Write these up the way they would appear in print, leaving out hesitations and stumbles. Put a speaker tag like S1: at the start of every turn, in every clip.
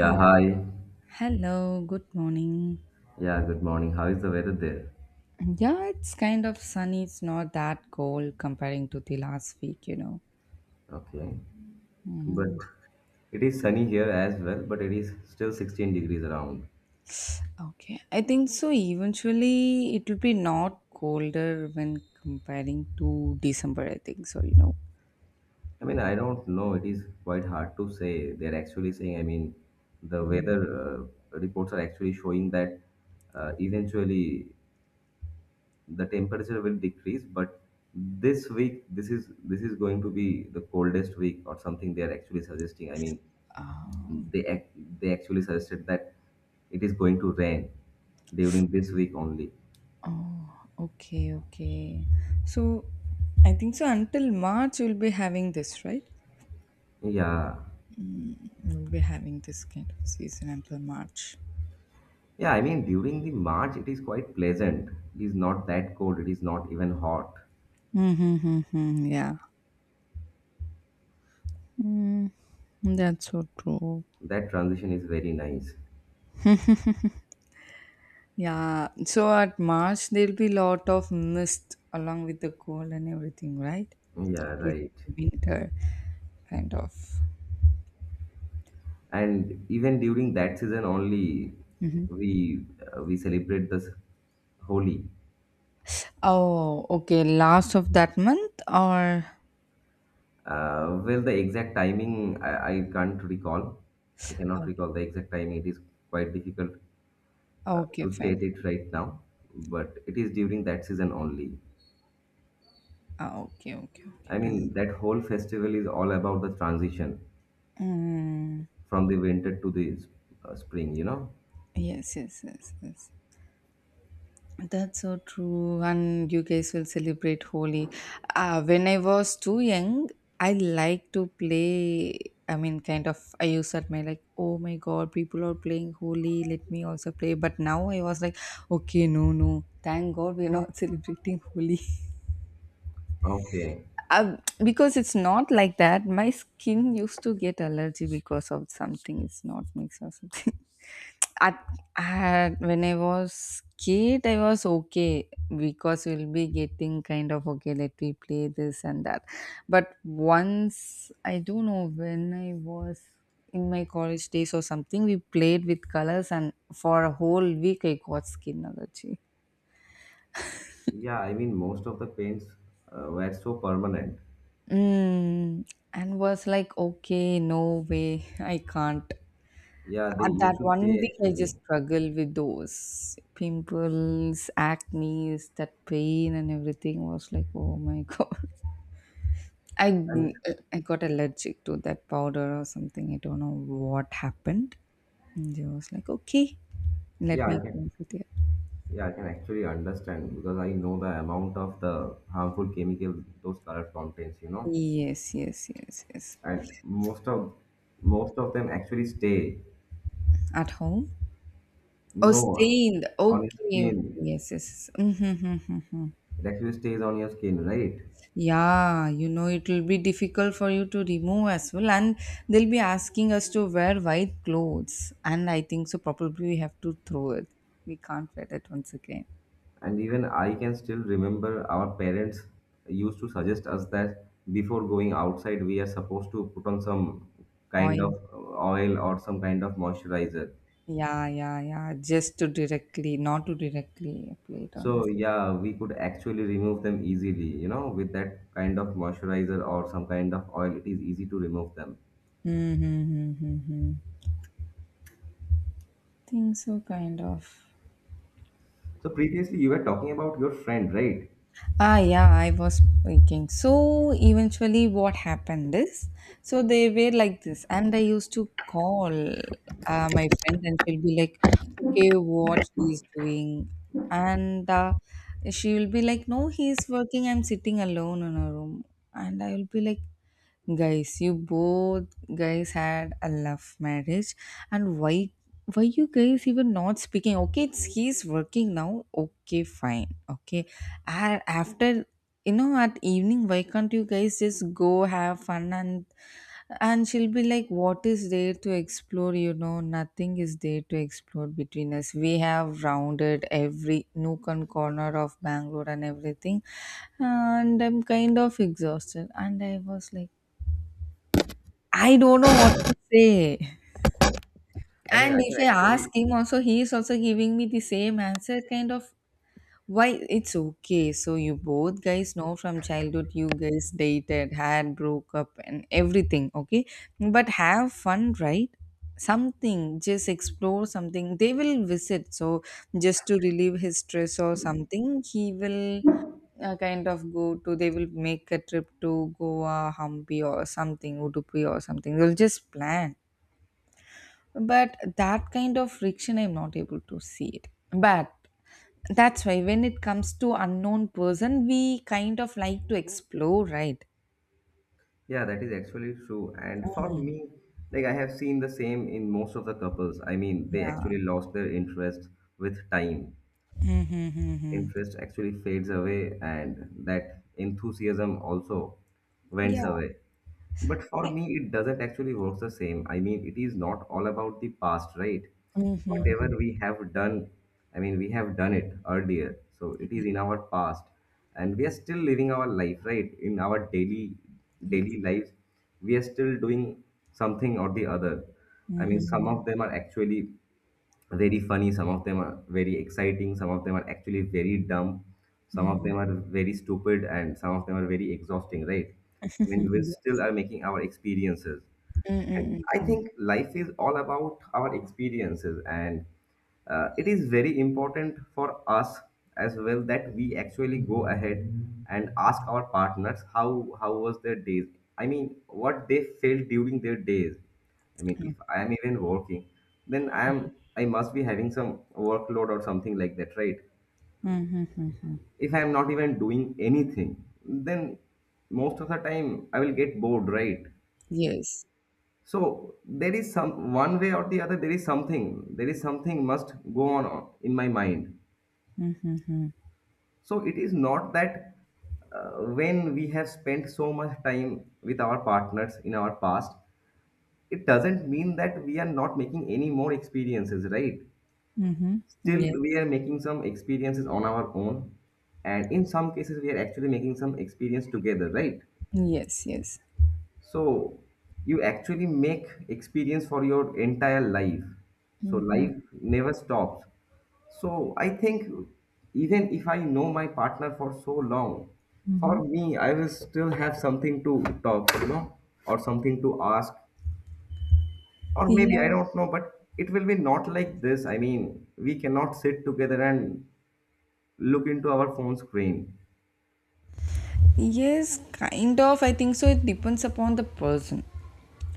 S1: Hi.
S2: hi.
S1: Hello, good morning.
S2: Yeah, good morning. How is the weather there?
S1: Yeah, it's kind of sunny. It's not that cold comparing to the last week.
S2: Okay.
S1: Hmm.
S2: But it is sunny here as well, but it is still 16 degrees around.
S1: Okay, I think so. Eventually, it will be not colder when comparing to December, I think so.
S2: I don't know. It is quite hard to say. They're actually saying, the
S1: Mhm.
S2: weather reports are actually showing that eventually the temperature will decrease, but this week, this is going to be the coldest week or something they are actually suggesting.
S1: Ah,
S2: They
S1: okay.
S2: ac- they actually suggested that it is going to rain during this week only.
S1: Oh, okay, okay. So, I think so until March, we'll be having this, right?
S2: Yeah.
S1: Mm, We'll be having this kind of season until March.
S2: Yeah, I mean during the March it is quite pleasant. It is not that cold, it is not even hot.
S1: Mm-hmm, yeah. Mm, that's so true.
S2: That transition is very nice.
S1: Yeah. So at March there'll be lot of mist along with the cold and everything, right?
S2: Yeah,
S1: With
S2: right.
S1: winter kind of.
S2: And even during that season only we we celebrate this Holi.
S1: Oh, okay. Last of that month or
S2: Well, the exact timing I can't recall. I cannot
S1: okay,
S2: recall the exact timing. It is quite difficult
S1: okay,
S2: to
S1: fine.
S2: state it right now, but it is during that season only.
S1: Ah, okay, okay, okay. Done.
S2: That whole festival is all about the transition
S1: Mm,
S2: from the winter to the spring, you know?
S1: yes, yes, yes, yes. That's so true, and you guys will celebrate Holi. When I was too young, I like to play. I mean, kind of, I used to admire, like, oh my god, people are playing Holi, let me also play. But now I was like, okay, no, no, thank god we're not celebrating Holi.
S2: Okay.
S1: Uh, because it's not like that. My skin used to get allergy because of something, it's not mixed or something. I, I when I was kid, I was okay. Because we'll be getting kind of okay. Let me play this and that. But once I don't know when I was in my college days or something, we played with colors, and for a whole week I got skin allergy.
S2: Yeah, most of the paints were so permanent.
S1: Mm, and was like, okay, no way, I can't.
S2: Yeah, they
S1: At that
S2: used to
S1: one
S2: stay
S1: week, I
S2: actually.
S1: just struggle with those pimples, acne, that pain, and everything was like, oh my god. I
S2: And
S1: I got allergic to that powder or something. I don't know what happened. And I was like, okay, let
S2: yeah,
S1: me go with it.
S2: yeah, I can actually understand because I know the amount of the harmful chemical those color contains, you know?
S1: Yes, yes, yes, yes.
S2: And most of them actually stay.
S1: At home? Oh,
S2: No,
S1: stained.
S2: on your
S1: Okay, okay.
S2: skin.
S1: Yes, yes, yes. Mm-hmm. Mm-hmm, mm-hmm.
S2: It actually stays on your skin, right?
S1: Yeah, it will be difficult for you to remove as well, and they'll be asking us to wear white clothes. And I think so, probably we have to throw it. We can't wear it once again.
S2: And even I can still remember our parents used to suggest us that before going outside, we are supposed to put on some kind
S1: Oil.
S2: of oil or some kind of moisturizer.
S1: Yeah, yeah, yeah. Just to directly, not to directly play it on this.
S2: So, yeah, we could actually remove them easily, you know, with that kind of moisturizer or some kind of oil, it is easy to remove them.
S1: Mm-hmm, mm-hmm. Mm-hmm. Think so, kind of.
S2: So, previously, you were talking about your friend, right?
S1: Ah, yeah, I was thinking. So eventually, what happened is, so they were like this, and I used to call my friend, and she'll be like, "Okay, what he's doing," and she will be like, "No, he's working. I'm sitting alone in a room," and I will be like, "Guys, you both guys had a love marriage, and why you guys even not speaking, okay, it's he's working now, okay, fine, okay, and after, you know, at evening, why can't you guys just go have fun?" And she'll be like, "What is there to explore? You know, nothing is there to explore between us. We have rounded every nook and corner of bangalore and everything, and I'm kind of exhausted." And I was like, I don't know what to say.
S2: I mean,
S1: And
S2: I can
S1: if I ask
S2: actually
S1: him also, he is also giving me the same answer, kind of why it's okay. So you both guys know from childhood you guys dated, had broke up and everything, okay? But have fun, right? Something, just explore something. They will visit. So just to relieve his stress or something, he will kind of go to they will make a trip to Goa, Hampi or something, Udupi or something. They'll just plan, but that kind of friction I'm not able to see it. But that's why when it comes to unknown person, we kind of like to explore, right?
S2: Yeah, that is actually true. And for
S1: Mm.
S2: me, like I have seen the same in most of the couples. They
S1: Yeah.
S2: actually lost their interest with time.
S1: Mm-hmm.
S2: Interest actually fades away, and that enthusiasm also went
S1: Yeah.
S2: away. But for
S1: I-
S2: me, it doesn't actually work the same. It is not all about the past, right?
S1: Mm-hmm.
S2: Whatever we have done, we have done it earlier. So it is in our past. And we are still living our life, right? In our daily
S1: Yes.
S2: daily lives, we are still doing something or the other. Some
S1: Mm-hmm.
S2: of them are actually very funny, some of them are very exciting, some of them are actually very dumb, some of them
S1: Mm-hmm.
S2: are very stupid, and some of them are very exhausting, right? I mean, we
S1: Mm.
S2: still are making our experiences, and I think life is all about our experiences, and it is very important for us as well that we actually go ahead and ask our partners how was their days. What they felt during their days. If I am even working, then I must be having some workload or something like that, right?
S1: Mm-hmm.
S2: If I am not even doing anything, then most of the time I will get bored, right?
S1: Yes.
S2: So there is some one way or the other, there is something must go on in my mind.
S1: Mm-hmm.
S2: So it is not that uh, when we have spent so much time with our partners in our past, it doesn't mean that we are not making any more experiences, right?
S1: Mm-hmm.
S2: Still, we
S1: Yes,
S2: are making some experiences on our own, and in some cases, we are actually making some experience together, right?
S1: yes, yes.
S2: So you actually make experience for your entire life. So life never stops. So I think even if I know my partner for so long, for me I will still have something to talk, you know, or something to ask. Or maybe I
S1: Yeah.
S2: don't know, but it will be not like this. We cannot sit together and look into our phone screen.
S1: Yes, kind of. I think so. It depends upon the person,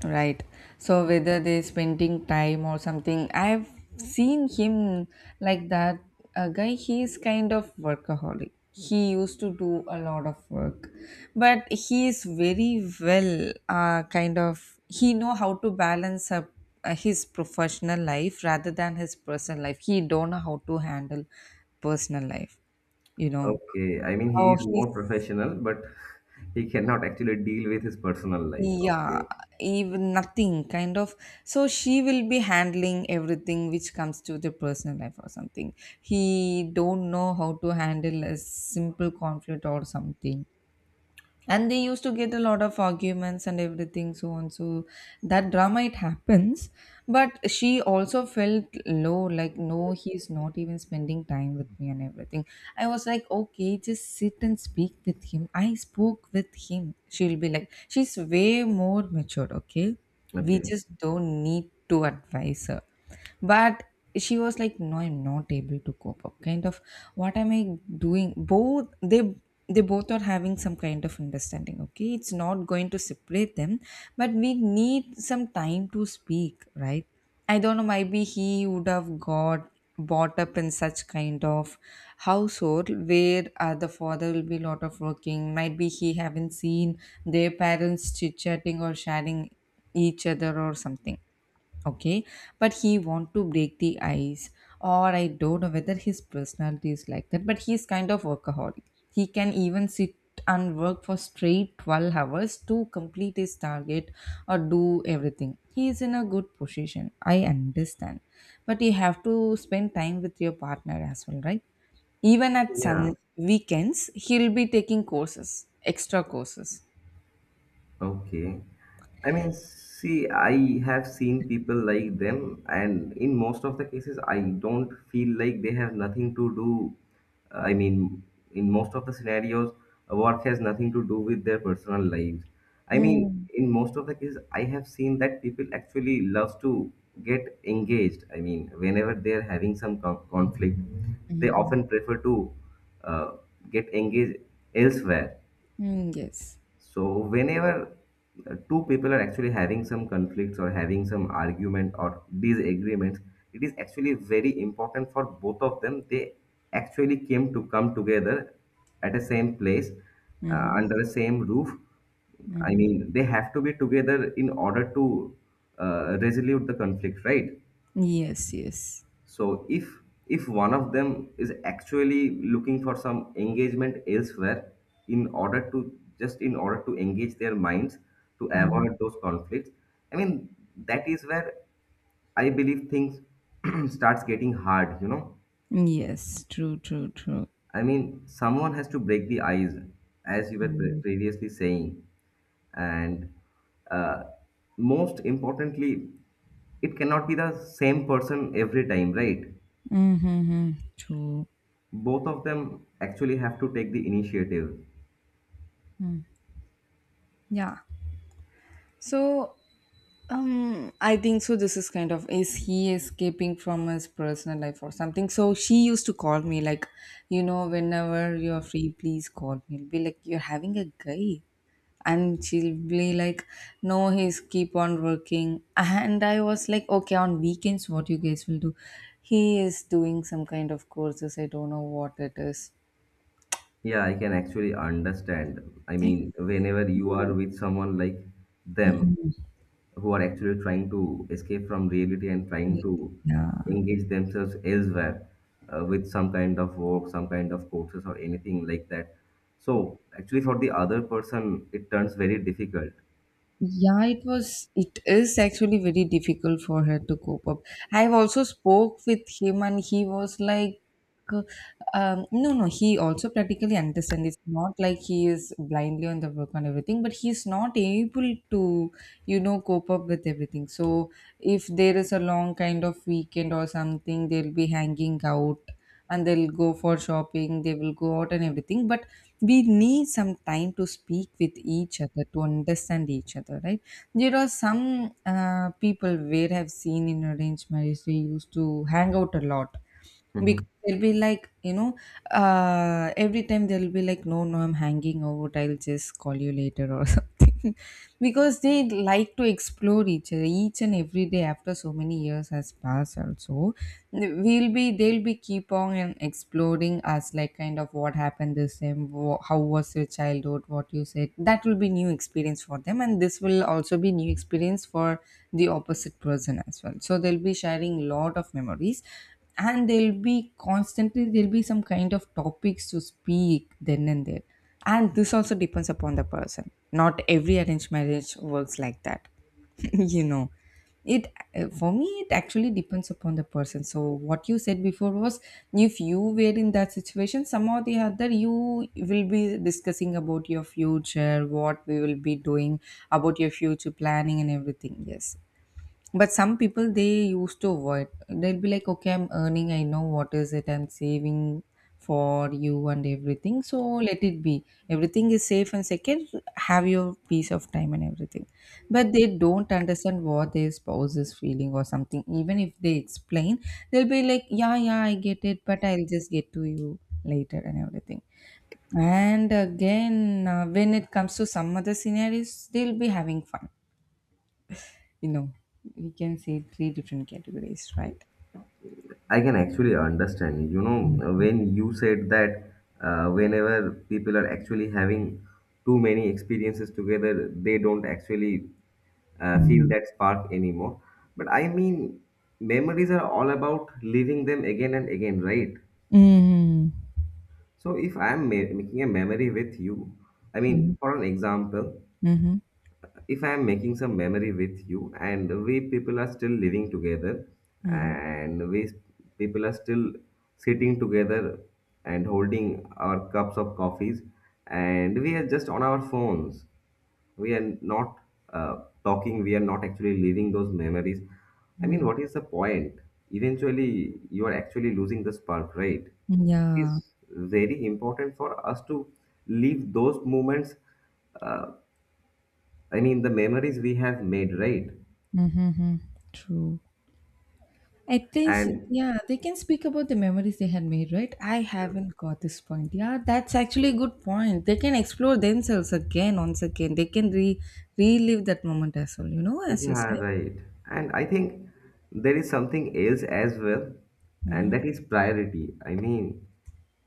S1: right? So whether they're spending time or something, I've seen him like that. A guy, he is kind of workaholic. He used to do a lot of work, but he is very well, kind of. He know how to balance up his professional life rather than his personal life. He don't know how to handle personal life. You know.
S2: Okay, I mean he
S1: Oh,
S2: is
S1: he's.
S2: more professional, but he cannot actually deal with his personal life.
S1: Yeah,
S2: Okay.
S1: even nothing kind of. So she will be handling everything which comes to the personal life or something. He don't know how to handle a simple conflict or something, and they used to get a lot of arguments and everything, so on. So that drama it happens, but she also felt low like, no, he's not even spending time with me and everything. I was like, okay, just sit and speak with him. I spoke with him. She'll be like, she's way more matured. Okay, we
S2: Okay.
S1: just don't need to advise her. But she was like, no, I'm not able to cope up kind of. What am I doing? Both they both are having some kind of understanding, okay? It's not going to separate them, but we need some time to speak, right? I don't know, maybe he would have got brought up in such kind of household where the father will be a lot of working. Might be he haven't seen their parents chit chatting or sharing each other or something. Okay, but he want to break the ice, or I don't know whether his personality is like that, but he's kind of workaholic. He can even sit and work for straight 12 hours to complete his target or do everything. He is in a good position, I understand, but you have to spend time with your partner as well, right? Even at
S2: Yeah.
S1: sun weekends he'll be taking courses, extra courses.
S2: Okay. See, I have seen people like them, and in most of the cases, I don't feel like they have nothing to do. I mean, in most of the scenarios, work has nothing to do with their personal lives. I mean,
S1: Mm.
S2: in most of the cases, I have seen that people actually love to get engaged. Whenever they are having some conflict, they
S1: Mm-hmm.
S2: often prefer to uh, get engaged elsewhere.
S1: Mm, yes.
S2: So whenever two people are actually having some conflicts or having some argument or disagreements, it is actually very important for both of them. They actually came to come together at the same place
S1: Mm-hmm.
S2: under the same roof.
S1: Mm-hmm.
S2: They have to be together in order to resolve the conflict, right?
S1: Yes, yes.
S2: So if one of them is actually looking for some engagement elsewhere in order to engage their minds to
S1: Mhm.
S2: avoid those conflicts, I mean that is where I believe things starts getting hard, you know.
S1: Yes, true, true, true.
S2: I mean someone has to break the ice as you were previously saying, and uh, most importantly it cannot be the same person every time, right?
S1: Mm-hmm, true.
S2: Both of them actually have to take the initiative.
S1: Yeah. So, I think so. This is kind of, is he escaping from his personal life or something? So she used to call me like, whenever you're free, please call me. It'll be like, you're having a guy, and she'll be like, no, he's keep on working. And I was like, okay, on weekends, what you guys will do? He is doing some kind of courses. I don't know what it is.
S2: Yeah, I can actually understand. I
S1: I
S2: mean whenever you are with someone like them who are actually trying to escape from reality and trying to
S1: Yeah.
S2: engage themselves elsewhere with some kind of work, some kind of courses or anything like that, so actually for the other person it turns very difficult.
S1: Yeah, it is actually very difficult for her to cope up. I've also spoke with him and he was like uh, no, no, he also practically understand. It's not like he is blindly on the work and everything, but he's not able to, cope up with everything. So if there is a long kind of weekend or something, they'll be hanging out, and they'll go for shopping, they will go out and everything. But we need some time to speak with each other to understand each other, right? There are some people where I've seen in arranged marriage, they used to hang out a lot, because they'll be like, every time they'll be like, no, no, I'm hanging out, I'll just call you later or something. Because they like to explore each other each and every day, after so many years has passed also, we'll be they'll be keep on and exploring us like kind of what happened this time, how was your childhood, what you said. That will be new experience for them, and this will also be new experience for the opposite person as well. So they'll be sharing lot of memories, and there'll be constantly, there'll be some kind of topics to speak then and there. And this also depends upon the person, not every arranged marriage works like that, you know. It For me it actually depends upon the person. So what you said before was, if you were in that situation somehow or the other, you will be discussing about your future, what we will be doing about your future planning and everything, yes. But some people they used to avoid. They'll be like, okay, I'm earning, I know what is it, I'm saving for you and everything. So let it be. Everything is safe, and second, have your peace of time and everything. But they don't understand what their spouse is feeling or something. Even if they explain, they'll be like, yeah, yeah, I get it, but I'll just get to you later and everything. And again, when it comes to some other scenarios, they'll be having fun, you know, we can say three different categories, right?
S2: I can actually understand. You know, when you said that whenever people are actually having too many experiences together, they don't actually feel
S1: Mhm.
S2: that spark anymore. But memories are all about living them again and again, right?
S1: Mm.
S2: So if I am making a memory with you, for an example,
S1: Mhm.
S2: if I am making some memory with you, and we people are still living together,
S1: Mm-hmm.
S2: and people are still sitting together and holding our cups of coffees, and we are just on our phones. We are not uh, talking. We are not actually living those memories.
S1: Mm-hmm.
S2: What is the point? Eventually, you are actually losing the spark, right? It
S1: Yeah.
S2: is very important for us to leave those moments uh, the memories we have made, right?
S1: Mm-hmm. True. At least,
S2: And
S1: yeah, they can speak about the memories they had made, right? I haven't got this point. Yeah, that's actually a good point. They can explore themselves again, once again. They can re relive that moment as well, as you
S2: yeah,
S1: said.
S2: right. And I think there is something else as well, and that is priority.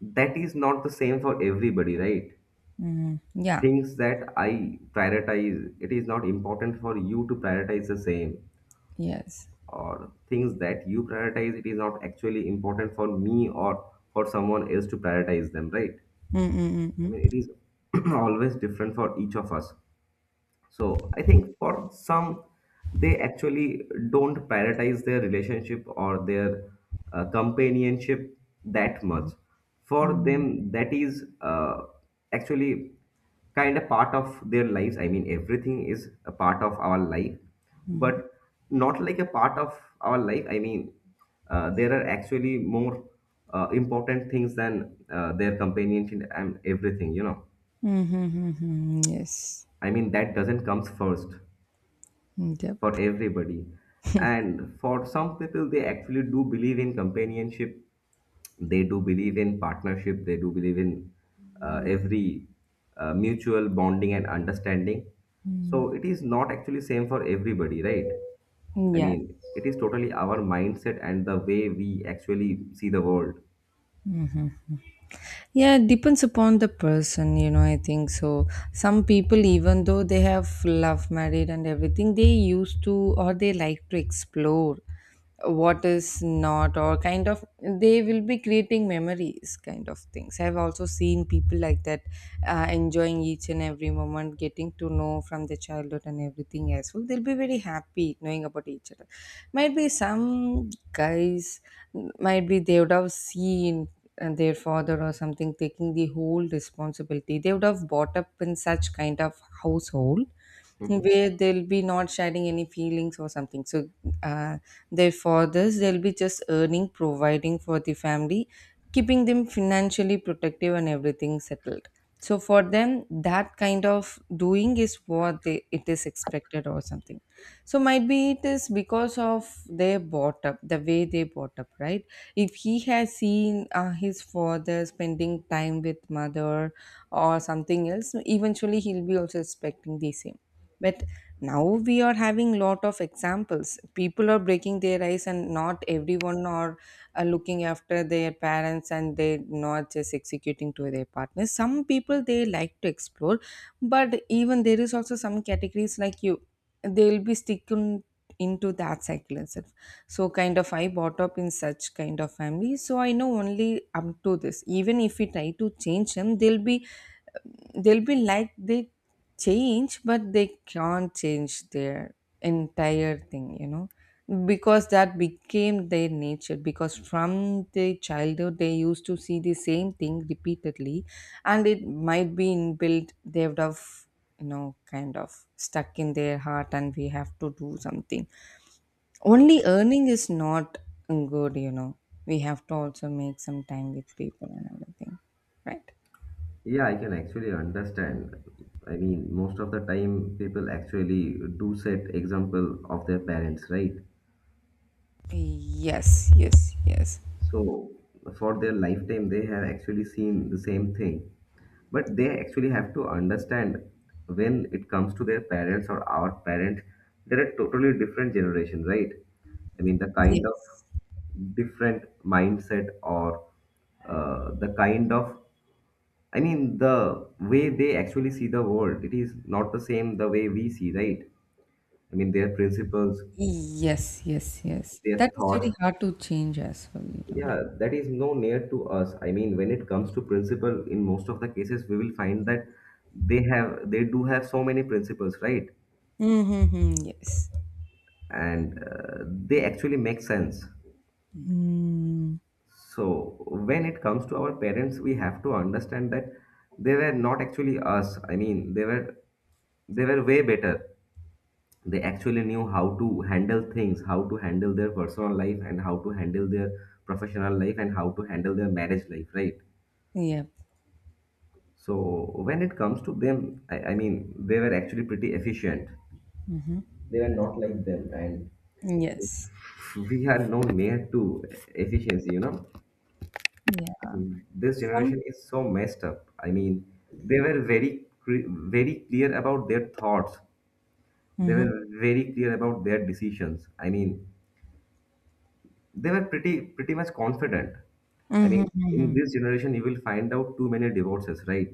S2: That is not the same for everybody, right?
S1: Mm. Yeah.
S2: Things that I prioritize, it is not important for you to prioritize the same,
S1: Yes.
S2: or things that you prioritize, it is not actually important for me or for someone else to prioritize them, right?
S1: Mm-mm-mm-mm.
S2: It is always different for each of us. So I think for some, they actually don't prioritize their relationship or their companionship that
S1: Mhm.
S2: much. For
S1: Mm-hmm.
S2: them, that is actually kind of part of their lives. Everything is a part of our life,
S1: Mm-hmm.
S2: but not like a part of our life. There are actually more important things than their companionship and everything, you know.
S1: Mm-hmm. Mm-hmm. Mm-hmm. Yes.
S2: That doesn't comes first
S1: Mm-hmm.
S2: for
S1: Yep.
S2: everybody. And for some people, they actually do believe in companionship. They do believe in partnership. They do believe in every mutual bonding and understanding. So it is not actually same for everybody, right?
S1: Yeah.
S2: It is totally our mindset and the way we actually see the world.
S1: Yeah, it depends upon the person, I think so. Some people, even though they have love married and everything, they used to or they like to explore. What is not or kind of they will be creating memories kind of things. I've also seen people like that, enjoying each and every moment, getting to know from their childhood and everything as well. They'll be very happy knowing about each other. Might be some guys, might be they would have seen their father or something taking the whole responsibility. They would have brought up in such kind of household
S2: hmm
S1: where they'll be not sharing any feelings or something. So uh, therefore this, they'll be just earning, providing for the family, keeping them financially protective and everything settled. So for them that kind of doing is what they, it is expected or something. So might be it is because of they brought up, the way they brought up, right? If he has seen his father spending time with mother or something else, eventually he'll be also expecting the same. But now we are having lot of examples. People are breaking their eyes and not everyone are looking after their parents, and they not just executing to their partners. Some people they like to explore. But even there is also some categories like you, they'll be sticking into that cycle itself. So kind of I brought up in such kind of family, so I know only up to this. Even if we try to change them, they'll be like they change, but they can't change their entire thing, you know, because that became their nature, because from the childhood they used to see the same thing repeatedly. And it might be inbuilt. They would have, you know, kind of stuck in their heart. And we have to do something. Only earning is not good, you know. We have to also make some time with people and everything, right?
S2: Yeah, I can actually understand. Most of the time people actually do set example of their parents, right?
S1: Yes, yes, yes,
S2: So for their lifetime, they have actually seen the same thing. But they actually have to understand when it comes to their parents or our parents, they're a totally different generation, right? The kind of
S1: yes.
S2: different mindset or the kind of, the way they actually see the world, it is not the same the way we see, right? Their principles,
S1: Yes, yes, yes.
S2: their
S1: That is
S2: thoughts,
S1: really hard to change as well, you know.
S2: yeah, that is no near to us. When it comes to principle, in most of the cases, we will find that they do have so many principles, right?
S1: Mm-hmm, yes.
S2: And they actually make sense.
S1: Mm,
S2: So when it comes to our parents, we have to understand that they were not actually us. They were way better. They actually knew how to handle things, how to handle their personal life, and how to handle their professional life, and how to handle their marriage life, right?
S1: yep.
S2: So when it comes to them, I mean, they were actually pretty efficient.
S1: Mm-hmm.
S2: They were not like them, and
S1: Yes.
S2: we are no near to efficiency. You know,
S1: Yeah.
S2: this
S1: Some.
S2: generation is so messed up. I mean, they were very clear about their thoughts. They
S1: Mm-hmm.
S2: were very clear about their decisions. I mean, they were pretty much confident. I
S1: Mm-hmm,
S2: mean, in
S1: mm-hmm.
S2: this generation you will find out too many divorces, right?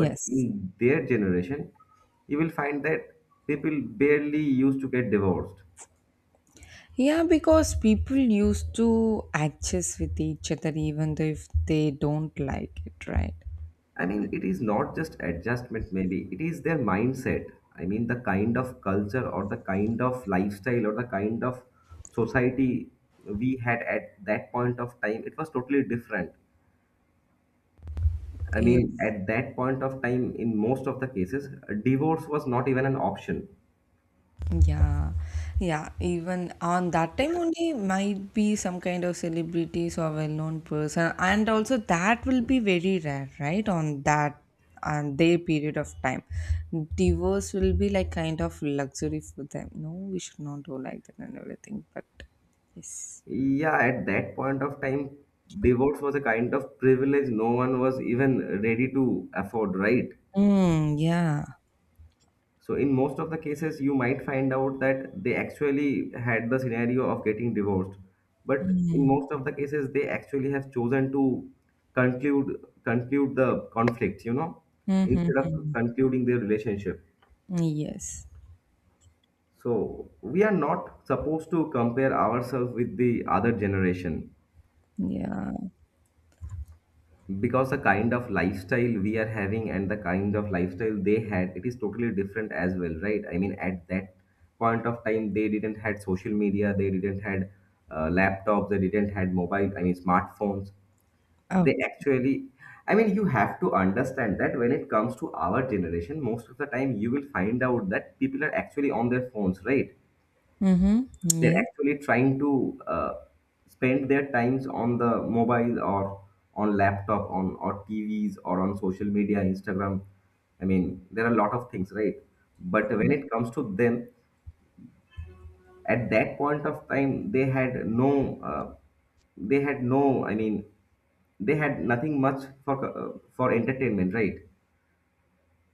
S2: But in their generation you will find that people barely used to get divorced.
S1: Yeah, because people used to adjust with each other even though if they don't like it, right?
S2: I mean, it is not just adjustment, maybe it is their mindset. I mean, the kind of culture or the kind of lifestyle or the kind of society we had at that point of time, it was totally different. I mean,
S1: Yes.
S2: at that point of time, in most of the cases, divorce was not even an option.
S1: Yeah, yeah. Even on that time only might be some kind of celebrities or well-known person, and also that will be very rare, right? On that and their period of time, divorce will be like kind of luxury for them. No, we should not do like that and everything. But yes,
S2: Yeah, at that point of time, divorce was a kind of privilege no one was even ready to afford, right?
S1: mm, yeah.
S2: So, in most of the cases, you might find out that they actually had the scenario of getting divorced. But in
S1: Mm-hmm.
S2: most of the cases, they actually have chosen to conclude the conflict, you know, instead of
S1: Mm-hmm.
S2: concluding their relationship.
S1: Yes,
S2: So, we are not supposed to compare ourselves with the other generation,
S1: yeah.
S2: because the kind of lifestyle we are having and the kind of lifestyle they had, it is totally different as well, right? I mean, at that point of time, they didn't had social media, they didn't had laptops, they didn't had mobile, I mean, smartphones. They
S1: Okay.
S2: actually, I mean, you have to understand that when it comes to our generation, most of the time you will find out that people are actually on their phones, right?
S1: Mm-hmm.
S2: They're
S1: Yes.
S2: actually trying to spend their times on the mobile or on laptop on or TVs or on social media, Instagram. I mean, there are a lot of things, right? But when it comes to them, at that point of time they had no uh, they had no, I mean, they had nothing much for entertainment, right?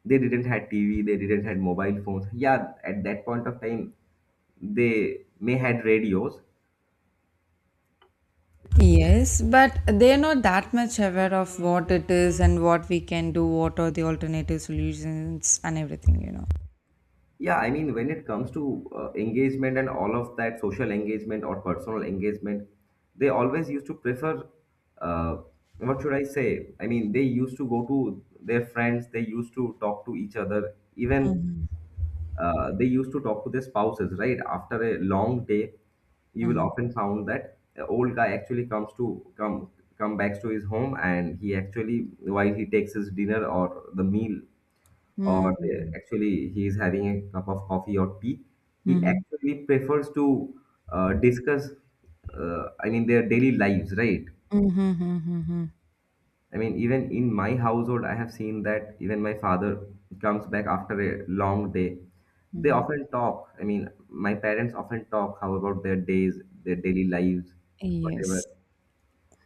S2: They didn't had TV, they didn't had mobile phones. Yeah, at that point of time, they may had radios.
S1: Yes, but they're not that much aware of what it is and what we can do, what are the alternative solutions and everything, you know.
S2: Yeah, I mean, when it comes to engagement and all of that, social engagement or personal engagement, they always used to prefer, uh, what should I say? I mean, they used to go to their friends, they used to talk to each other, even
S1: Mhm,
S2: they used to talk to their spouses, right? After a long day, you will
S1: mhm.
S2: often found that the old guy actually comes to come come back to his home, and he actually, while he takes his dinner or the meal
S1: Mm,
S2: or actually he is having a cup of coffee or tea, he
S1: mhm,
S2: actually prefers to discuss, I mean, their daily lives, right?
S1: mhm, mhm, mhm,
S2: I mean, even in my household, I have seen that even my father comes back after a long day. They
S1: mhm.
S2: often talk. I mean, my parents often talk how about their days, their daily lives, whatever
S1: Yes.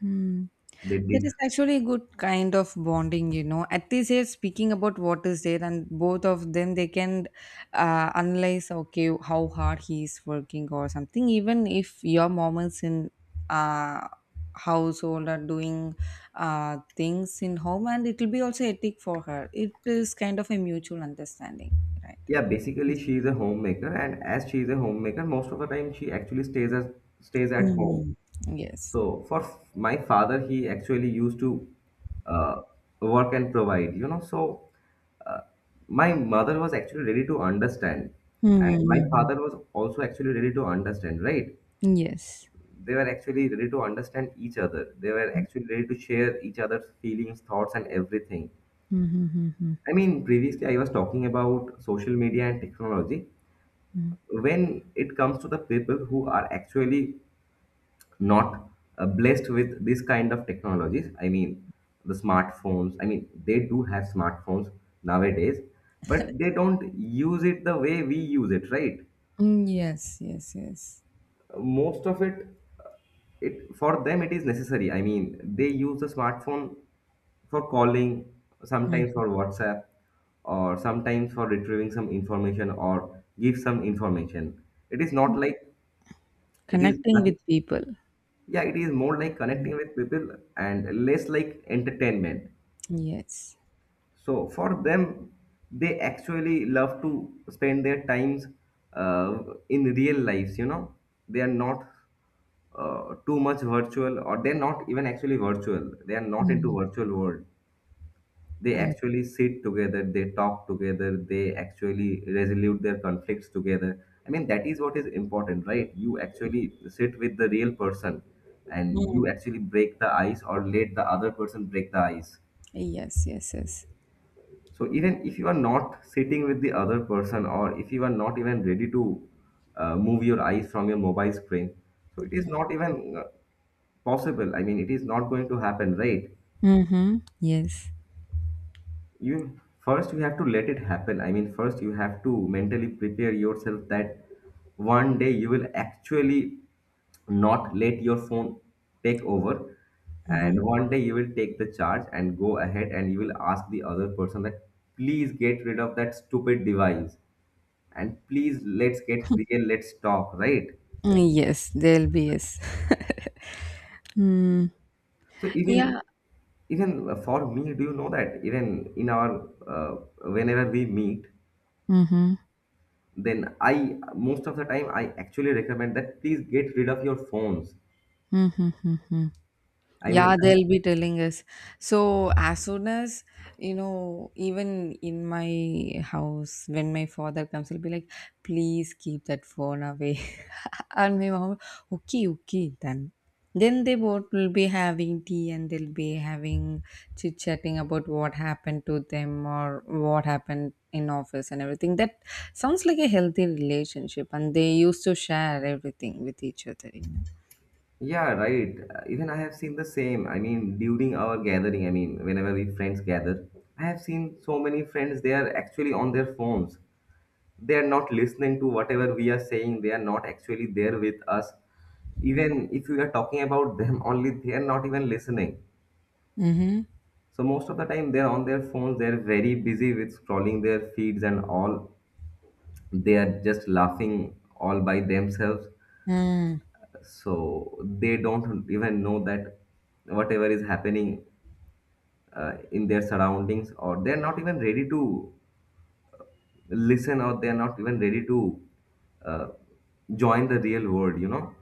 S1: Hmm.
S2: they
S1: That is
S2: did.
S1: actually a good kind of bonding, you know. At this age, speaking about what is there, and both of them they can analyze okay how hard he is working or something. Even if your mom is in uh, household or doing things in home, and it will be also ethic for her. It is kind of a mutual understanding, right?
S2: Yeah, basically
S1: Yes.
S2: she is a homemaker, and as she is a homemaker, most of the time she actually stays at home.
S1: Mm. Yes.
S2: So for my father, he actually used to uh, work and provide, you know. So uh, my mother was actually ready to understand, and my
S1: Mm.
S2: father was also actually ready to understand, right?
S1: Yes.
S2: They were actually ready to understand each other. They were actually ready to share each other's feelings, thoughts, and everything.
S1: Mm-hmm.
S2: I mean, previously I was talking about social media and technology. When it comes to the people who are actually not blessed with this kind of technologies, I mean the smartphones, I mean they do have smartphones nowadays, but they don't use it the way we use it, right?
S1: Yes. Yes. Yes.
S2: Most of it, it for them it is necessary. I mean, they use the smartphone for calling, sometimes
S1: Mm.
S2: for WhatsApp, or sometimes for retrieving some information or give some information. It is not like, it is
S1: Connecting
S2: nothing.
S1: with people.
S2: Yeah, it is more like
S1: Mm.
S2: connecting with people and less like entertainment.
S1: Yes.
S2: So for them, they actually love to spend their times uh, in real lives, you know. They are not too much virtual, or they're not even actually virtual, they are not into
S1: Mm.
S2: virtual world. They
S1: Oh.
S2: actually sit together, they talk together, they actually resolve their conflicts together. I mean, that is what is important, right? You actually sit with the real person and
S1: Mm.
S2: you actually break the ice or let the other person break the ice.
S1: Yes, yes, yes.
S2: So even if you are not sitting with the other person, or if you are not even ready to move your eyes from your mobile screen, so it is not even possible, I mean, it is not going to happen, right?
S1: Mm-hmm. Yes.
S2: You first, you have to let it happen. I mean, first you have to mentally prepare yourself that one day you will actually not let your phone take over, and
S1: Mm-hmm.
S2: one day you will take the charge and go ahead, and you will ask the other person that please get rid of that stupid device, and please let's get real, let's talk, right?
S1: Mm, yes, there'll be yes. Mm.
S2: So even,
S1: Yeah.
S2: even for me, do you know that even in our whenever we meet,
S1: Mm-hmm.
S2: then I, most of the time I actually recommend that please get rid of your phones.
S1: Mm-hmm. Mm-hmm.
S2: I mean,
S1: Yeah,
S2: I-
S1: they'll be telling us. So, as soon as, you know, even in my house, when my father comes, he'll be like, please keep that phone away. And my mom, okay, okay, then. Then they both will be having tea and they'll be having chit chatting about what happened to them or what happened in office and everything. That sounds like a healthy relationship, and they used to share everything with each other, you know.
S2: yeah, right. Even I have seen the same. I mean, during our gathering, I mean, whenever we friends gather, I have seen so many friends, they are actually on their phones. They are not listening to whatever we are saying. They are not actually there with us, even if we are talking about them only, they are not even listening.
S1: Mm-hmm.
S2: So most of the time they're on their phones, they're very busy with scrolling their feeds and all, they are just laughing all by themselves. So they don't even know that whatever is happening in their surroundings, or they're not even ready to listen, or they're not even ready to uh, join the real world, you know.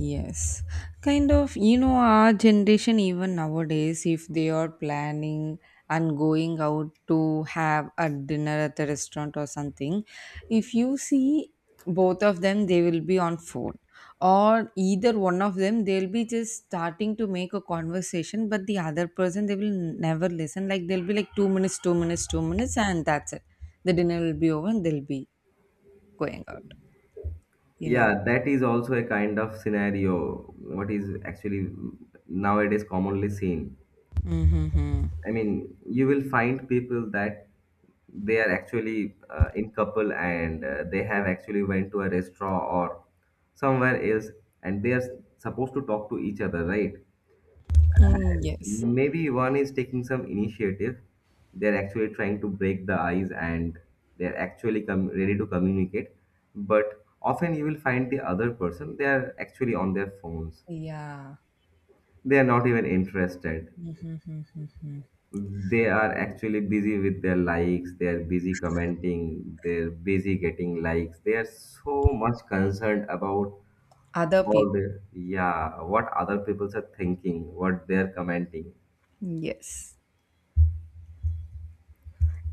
S1: Yes, kind of, you know, our generation, even nowadays, if they are planning and going out to have a dinner at the restaurant or something, if you see both of them, they will be on phone, or either one of them, they'll be just starting to make a conversation, but the other person, they will never listen. Like, they'll be like 2 minutes, 2 minutes, 2 minutes, and that's it. The dinner will be over and they'll be going out, you know.
S2: Yeah, that is also a kind of scenario what is actually nowadays commonly seen.
S1: Mm-hmm.
S2: I mean, you will find people that they are actually in couple, and they have actually went to a restaurant or somewhere else, and they are supposed to talk to each other, right?
S1: Mm, yes.
S2: And maybe one is taking some initiative. They're actually trying to break the ice, and they're actually ready to communicate. But often you will find the other person, they are actually on their phones.
S1: Yeah.
S2: They are not even interested.
S1: Mhm.
S2: They are actually busy with their likes, they are busy commenting, they're busy getting likes, they are so much concerned about
S1: Other
S2: all
S1: people.
S2: the, yeah, what other people are thinking, what they're commenting,
S1: Yes.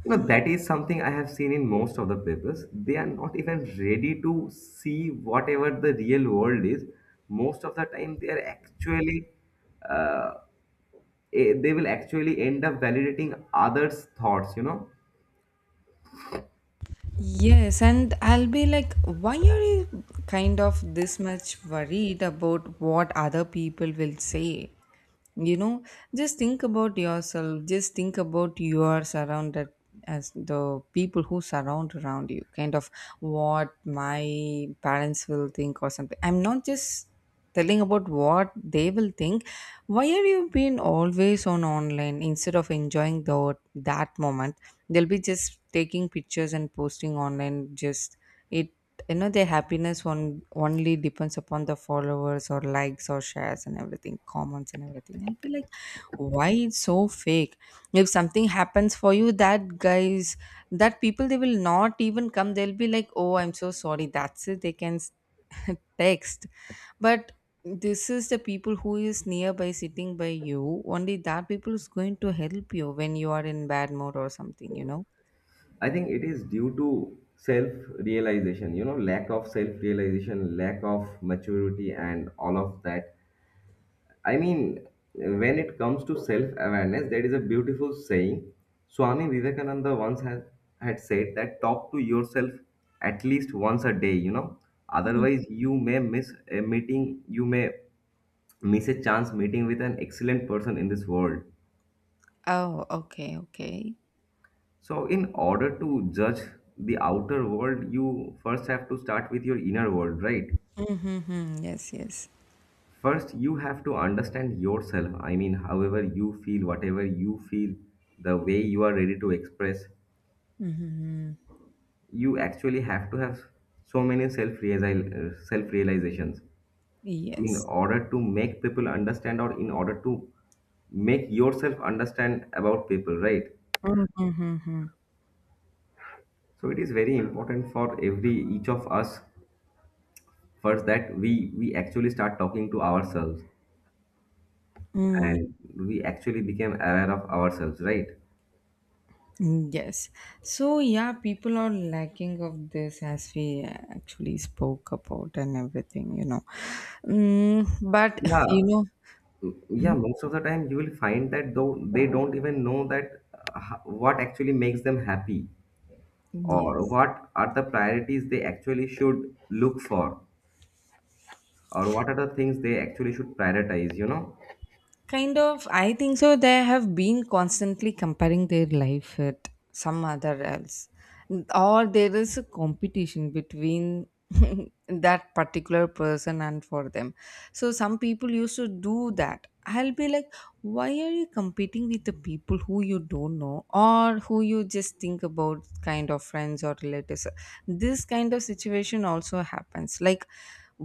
S2: you know. That is something I have seen in most of the papers. They are not even ready to see whatever the real world is. Most of the time they are actually uh, they will actually end up validating others thoughts, you know.
S1: Yes, and I'll be like, why are you kind of this much worried about what other people will say? You know, just think about yourself, just think about you are surrounded as the people who surround around you. Kind of what my parents will think or something, I'm not just telling about what they will think. Why are you being always on online instead of enjoying the that moment? They'll be just taking pictures and posting online, just it, you know. Their happiness one only depends upon the followers or likes or shares and everything, comments and everything. And be like, why it's so fake? If something happens for you, that guys, that people, they will not even come. They'll be like, oh, I'm so sorry, that's it, they can text. But this is the people who is nearby sitting by you only, that people is going to help you when you are in bad mood or something, you know.
S2: I think it is due to self realization, you know, lack of self realization, lack of maturity, and all of that. I mean, when it comes to self awareness, there is a beautiful saying Swami Vivekananda once had said, that talk to yourself at least once a day, you know, otherwise, you may miss a meeting, you may miss a chance meeting with an excellent person in this world.
S1: Oh, okay, okay.
S2: So, in order to judge the outer world, you first have to start with your inner world, right?
S1: Mm-hmm. Yes, yes.
S2: First, you have to understand yourself. I mean, however you feel, whatever you feel, the way you are ready to express,
S1: Mm-hmm.
S2: you actually have to have so many self realizations in
S1: Yes.
S2: order to make people understand, or in order to make yourself understand about people, right?
S1: Mm-hmm.
S2: So, it is very important for every each of us first, that we actually start talking to ourselves, and we actually became aware of ourselves, right?
S1: Mm, yes. So yeah, people are lacking of this as we actually spoke about and everything, you know. Mm, but
S2: Yeah,
S1: you know,
S2: yeah. Most of the time, you will find that though they don't even know that what actually makes them happy,
S1: mhm,
S2: or
S1: yes.
S2: what are the priorities they actually should look for, or what are the things they actually should prioritize. You know,
S1: Kind of, I think so. They have been constantly comparing their life with some other else, or there is a competition between that particular person and for them. So some people used to do that. I'll be like, why are you competing with the people who you don't know or who you just think about, kind of friends or relatives? This kind of situation also happens. Like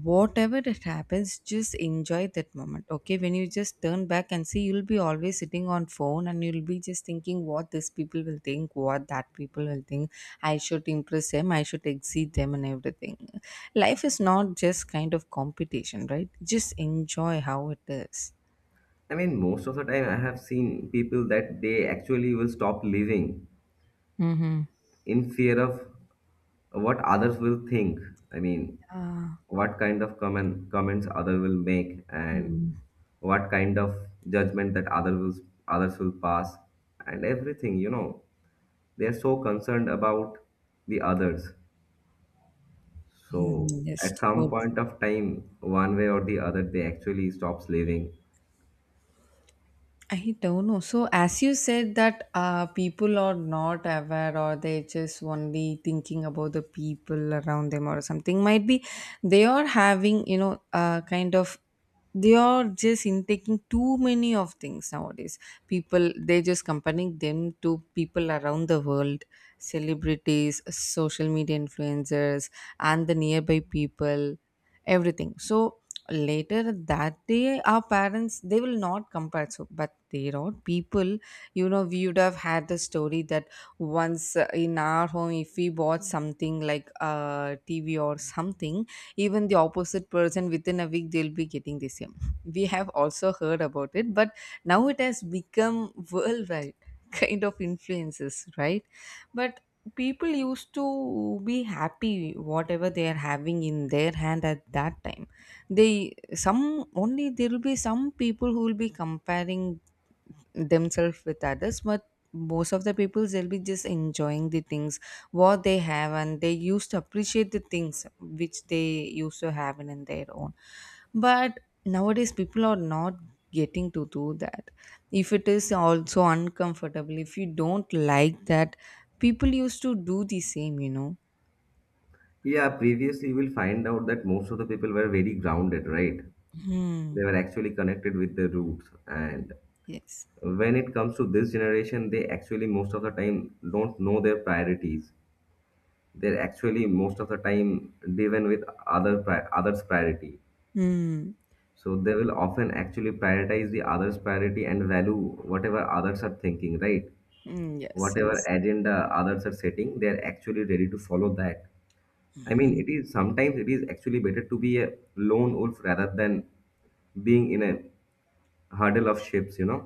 S1: whatever it happens, just enjoy that moment. Okay, when you just turn back and see, you'll be always sitting on phone and you'll be just thinking what this people will think, what that people will think, I should impress them, I should exceed them and everything. Life is not just kind of competition, right? Just enjoy how it is.
S2: I mean, most of the time, I have seen people that they actually will stop living
S1: Mm-hmm.
S2: in fear of what others will think. I mean,
S1: Ah,
S2: what kind of comments other will make, and
S1: mm,
S2: what kind of judgment that others will pass, and everything, you know. They are so concerned about the others,
S1: mm,
S2: so
S1: yes,
S2: at some
S1: so true.
S2: point of time, one way or the other, they actually stops living.
S1: I don't know. So, as you said that people are not aware or they just only thinking about the people around them or something, might be they are having, you know, kind of they are just intaking too many of things nowadays. People they just comparing them to people around the world, celebrities, social media influencers, and the nearby people, everything. So later that day our parents they will not compare so, but there are people, you know, we would have had the story that once in our home if we bought something like a TV or something, even the opposite person within a week they'll be getting the same. We have also heard about it, but now it has become worldwide kind of influences, right? But people used to be happy whatever they are having in their hand at that time. They some only, there will be some people who will be comparing themselves with others, but most of the people they'll be just enjoying the things what they have, and they used to appreciate the things which they used to have in their own. But nowadays people are not getting to do that. If it is also uncomfortable, if you don't like that, people used to do the same, you know.
S2: Yeah, previously we'll find out that most of the people were very grounded, right?
S1: Hmm.
S2: They were actually connected with their roots. And
S1: Yes.
S2: when it comes to this generation, they actually most of the time don't know their priorities. They're actually most of the time driven with others priority.
S1: Hmm.
S2: So they will often actually prioritize the others priority, and value whatever others are thinking, right?
S1: Mm, yes,
S2: Whatever
S1: yes.
S2: agenda others are setting, they're actually ready to follow that. I mean,
S1: Hmm.
S2: it is sometimes it is actually better to be a lone wolf rather than being in a hurdle of ships, you know.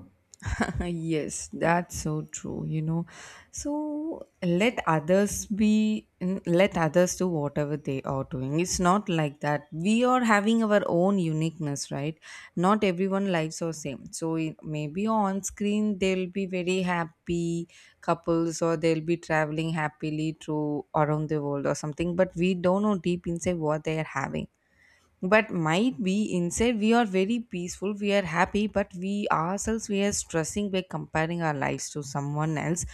S1: Yes, that's so true, you know. So let others be, let others do whatever they are doing. It's not like that. We are having our own uniqueness, right? Not everyone lives are same. So maybe on screen they'll be very happy couples or they'll be traveling happily through around the world or something, but we don't know deep inside what they are having. But might be inside we are very peaceful, we are happy, but we ourselves we are stressing by comparing our lives to someone else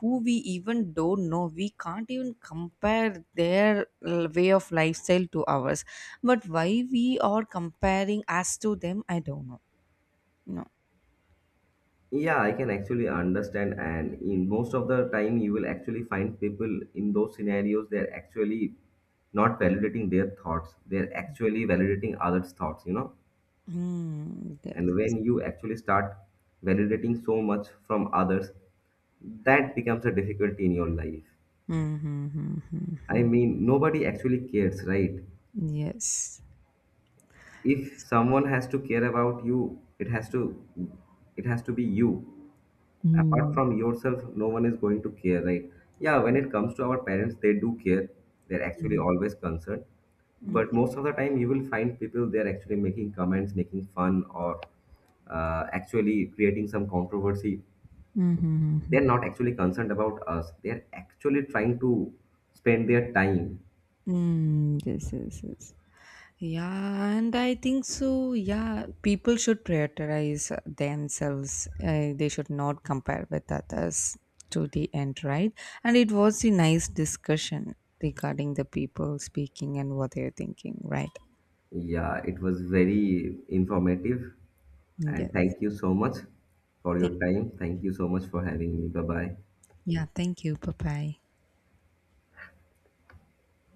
S1: who we even don't know. We can't even compare their way of lifestyle to ours. But why we are comparing us to them? I don't know. No.
S2: Yeah, I can actually understand, and in most of the time, you will actually find people in those scenarios they're actually not validating their thoughts, they're actually validating others' thoughts, you know.
S1: Hmm.
S2: And
S1: Yes.
S2: when you actually start validating so much from others, that becomes a difficulty in your life. I
S1: Mm-hmm.
S2: mean, nobody actually cares, right?
S1: Yes.
S2: If someone has to care about you, it has to be you. Apart
S1: Hmm.
S2: from yourself, no one is going to care, right? Yeah, when it comes to our parents, they do care, they're actually
S1: Mm-hmm.
S2: always concerned. But
S1: Mm-hmm.
S2: most of the time you will find people they're actually making comments, making fun, or actually creating some controversy. They're
S1: Mm-hmm.
S2: not actually concerned about us, they're actually trying to spend their time.
S1: Mm, yes, yes, yes. Yeah, and I think so. Yeah, people should prioritize themselves. They should not compare with others to the end, right? And it was a nice discussion regarding the people speaking and what they're thinking, right?
S2: Yeah, it was very informative, and
S1: Yes.
S2: thank you so much for your
S1: Thank,
S2: time. Thank you so much for having me. Bye bye.
S1: yeah, thank you. Bye bye.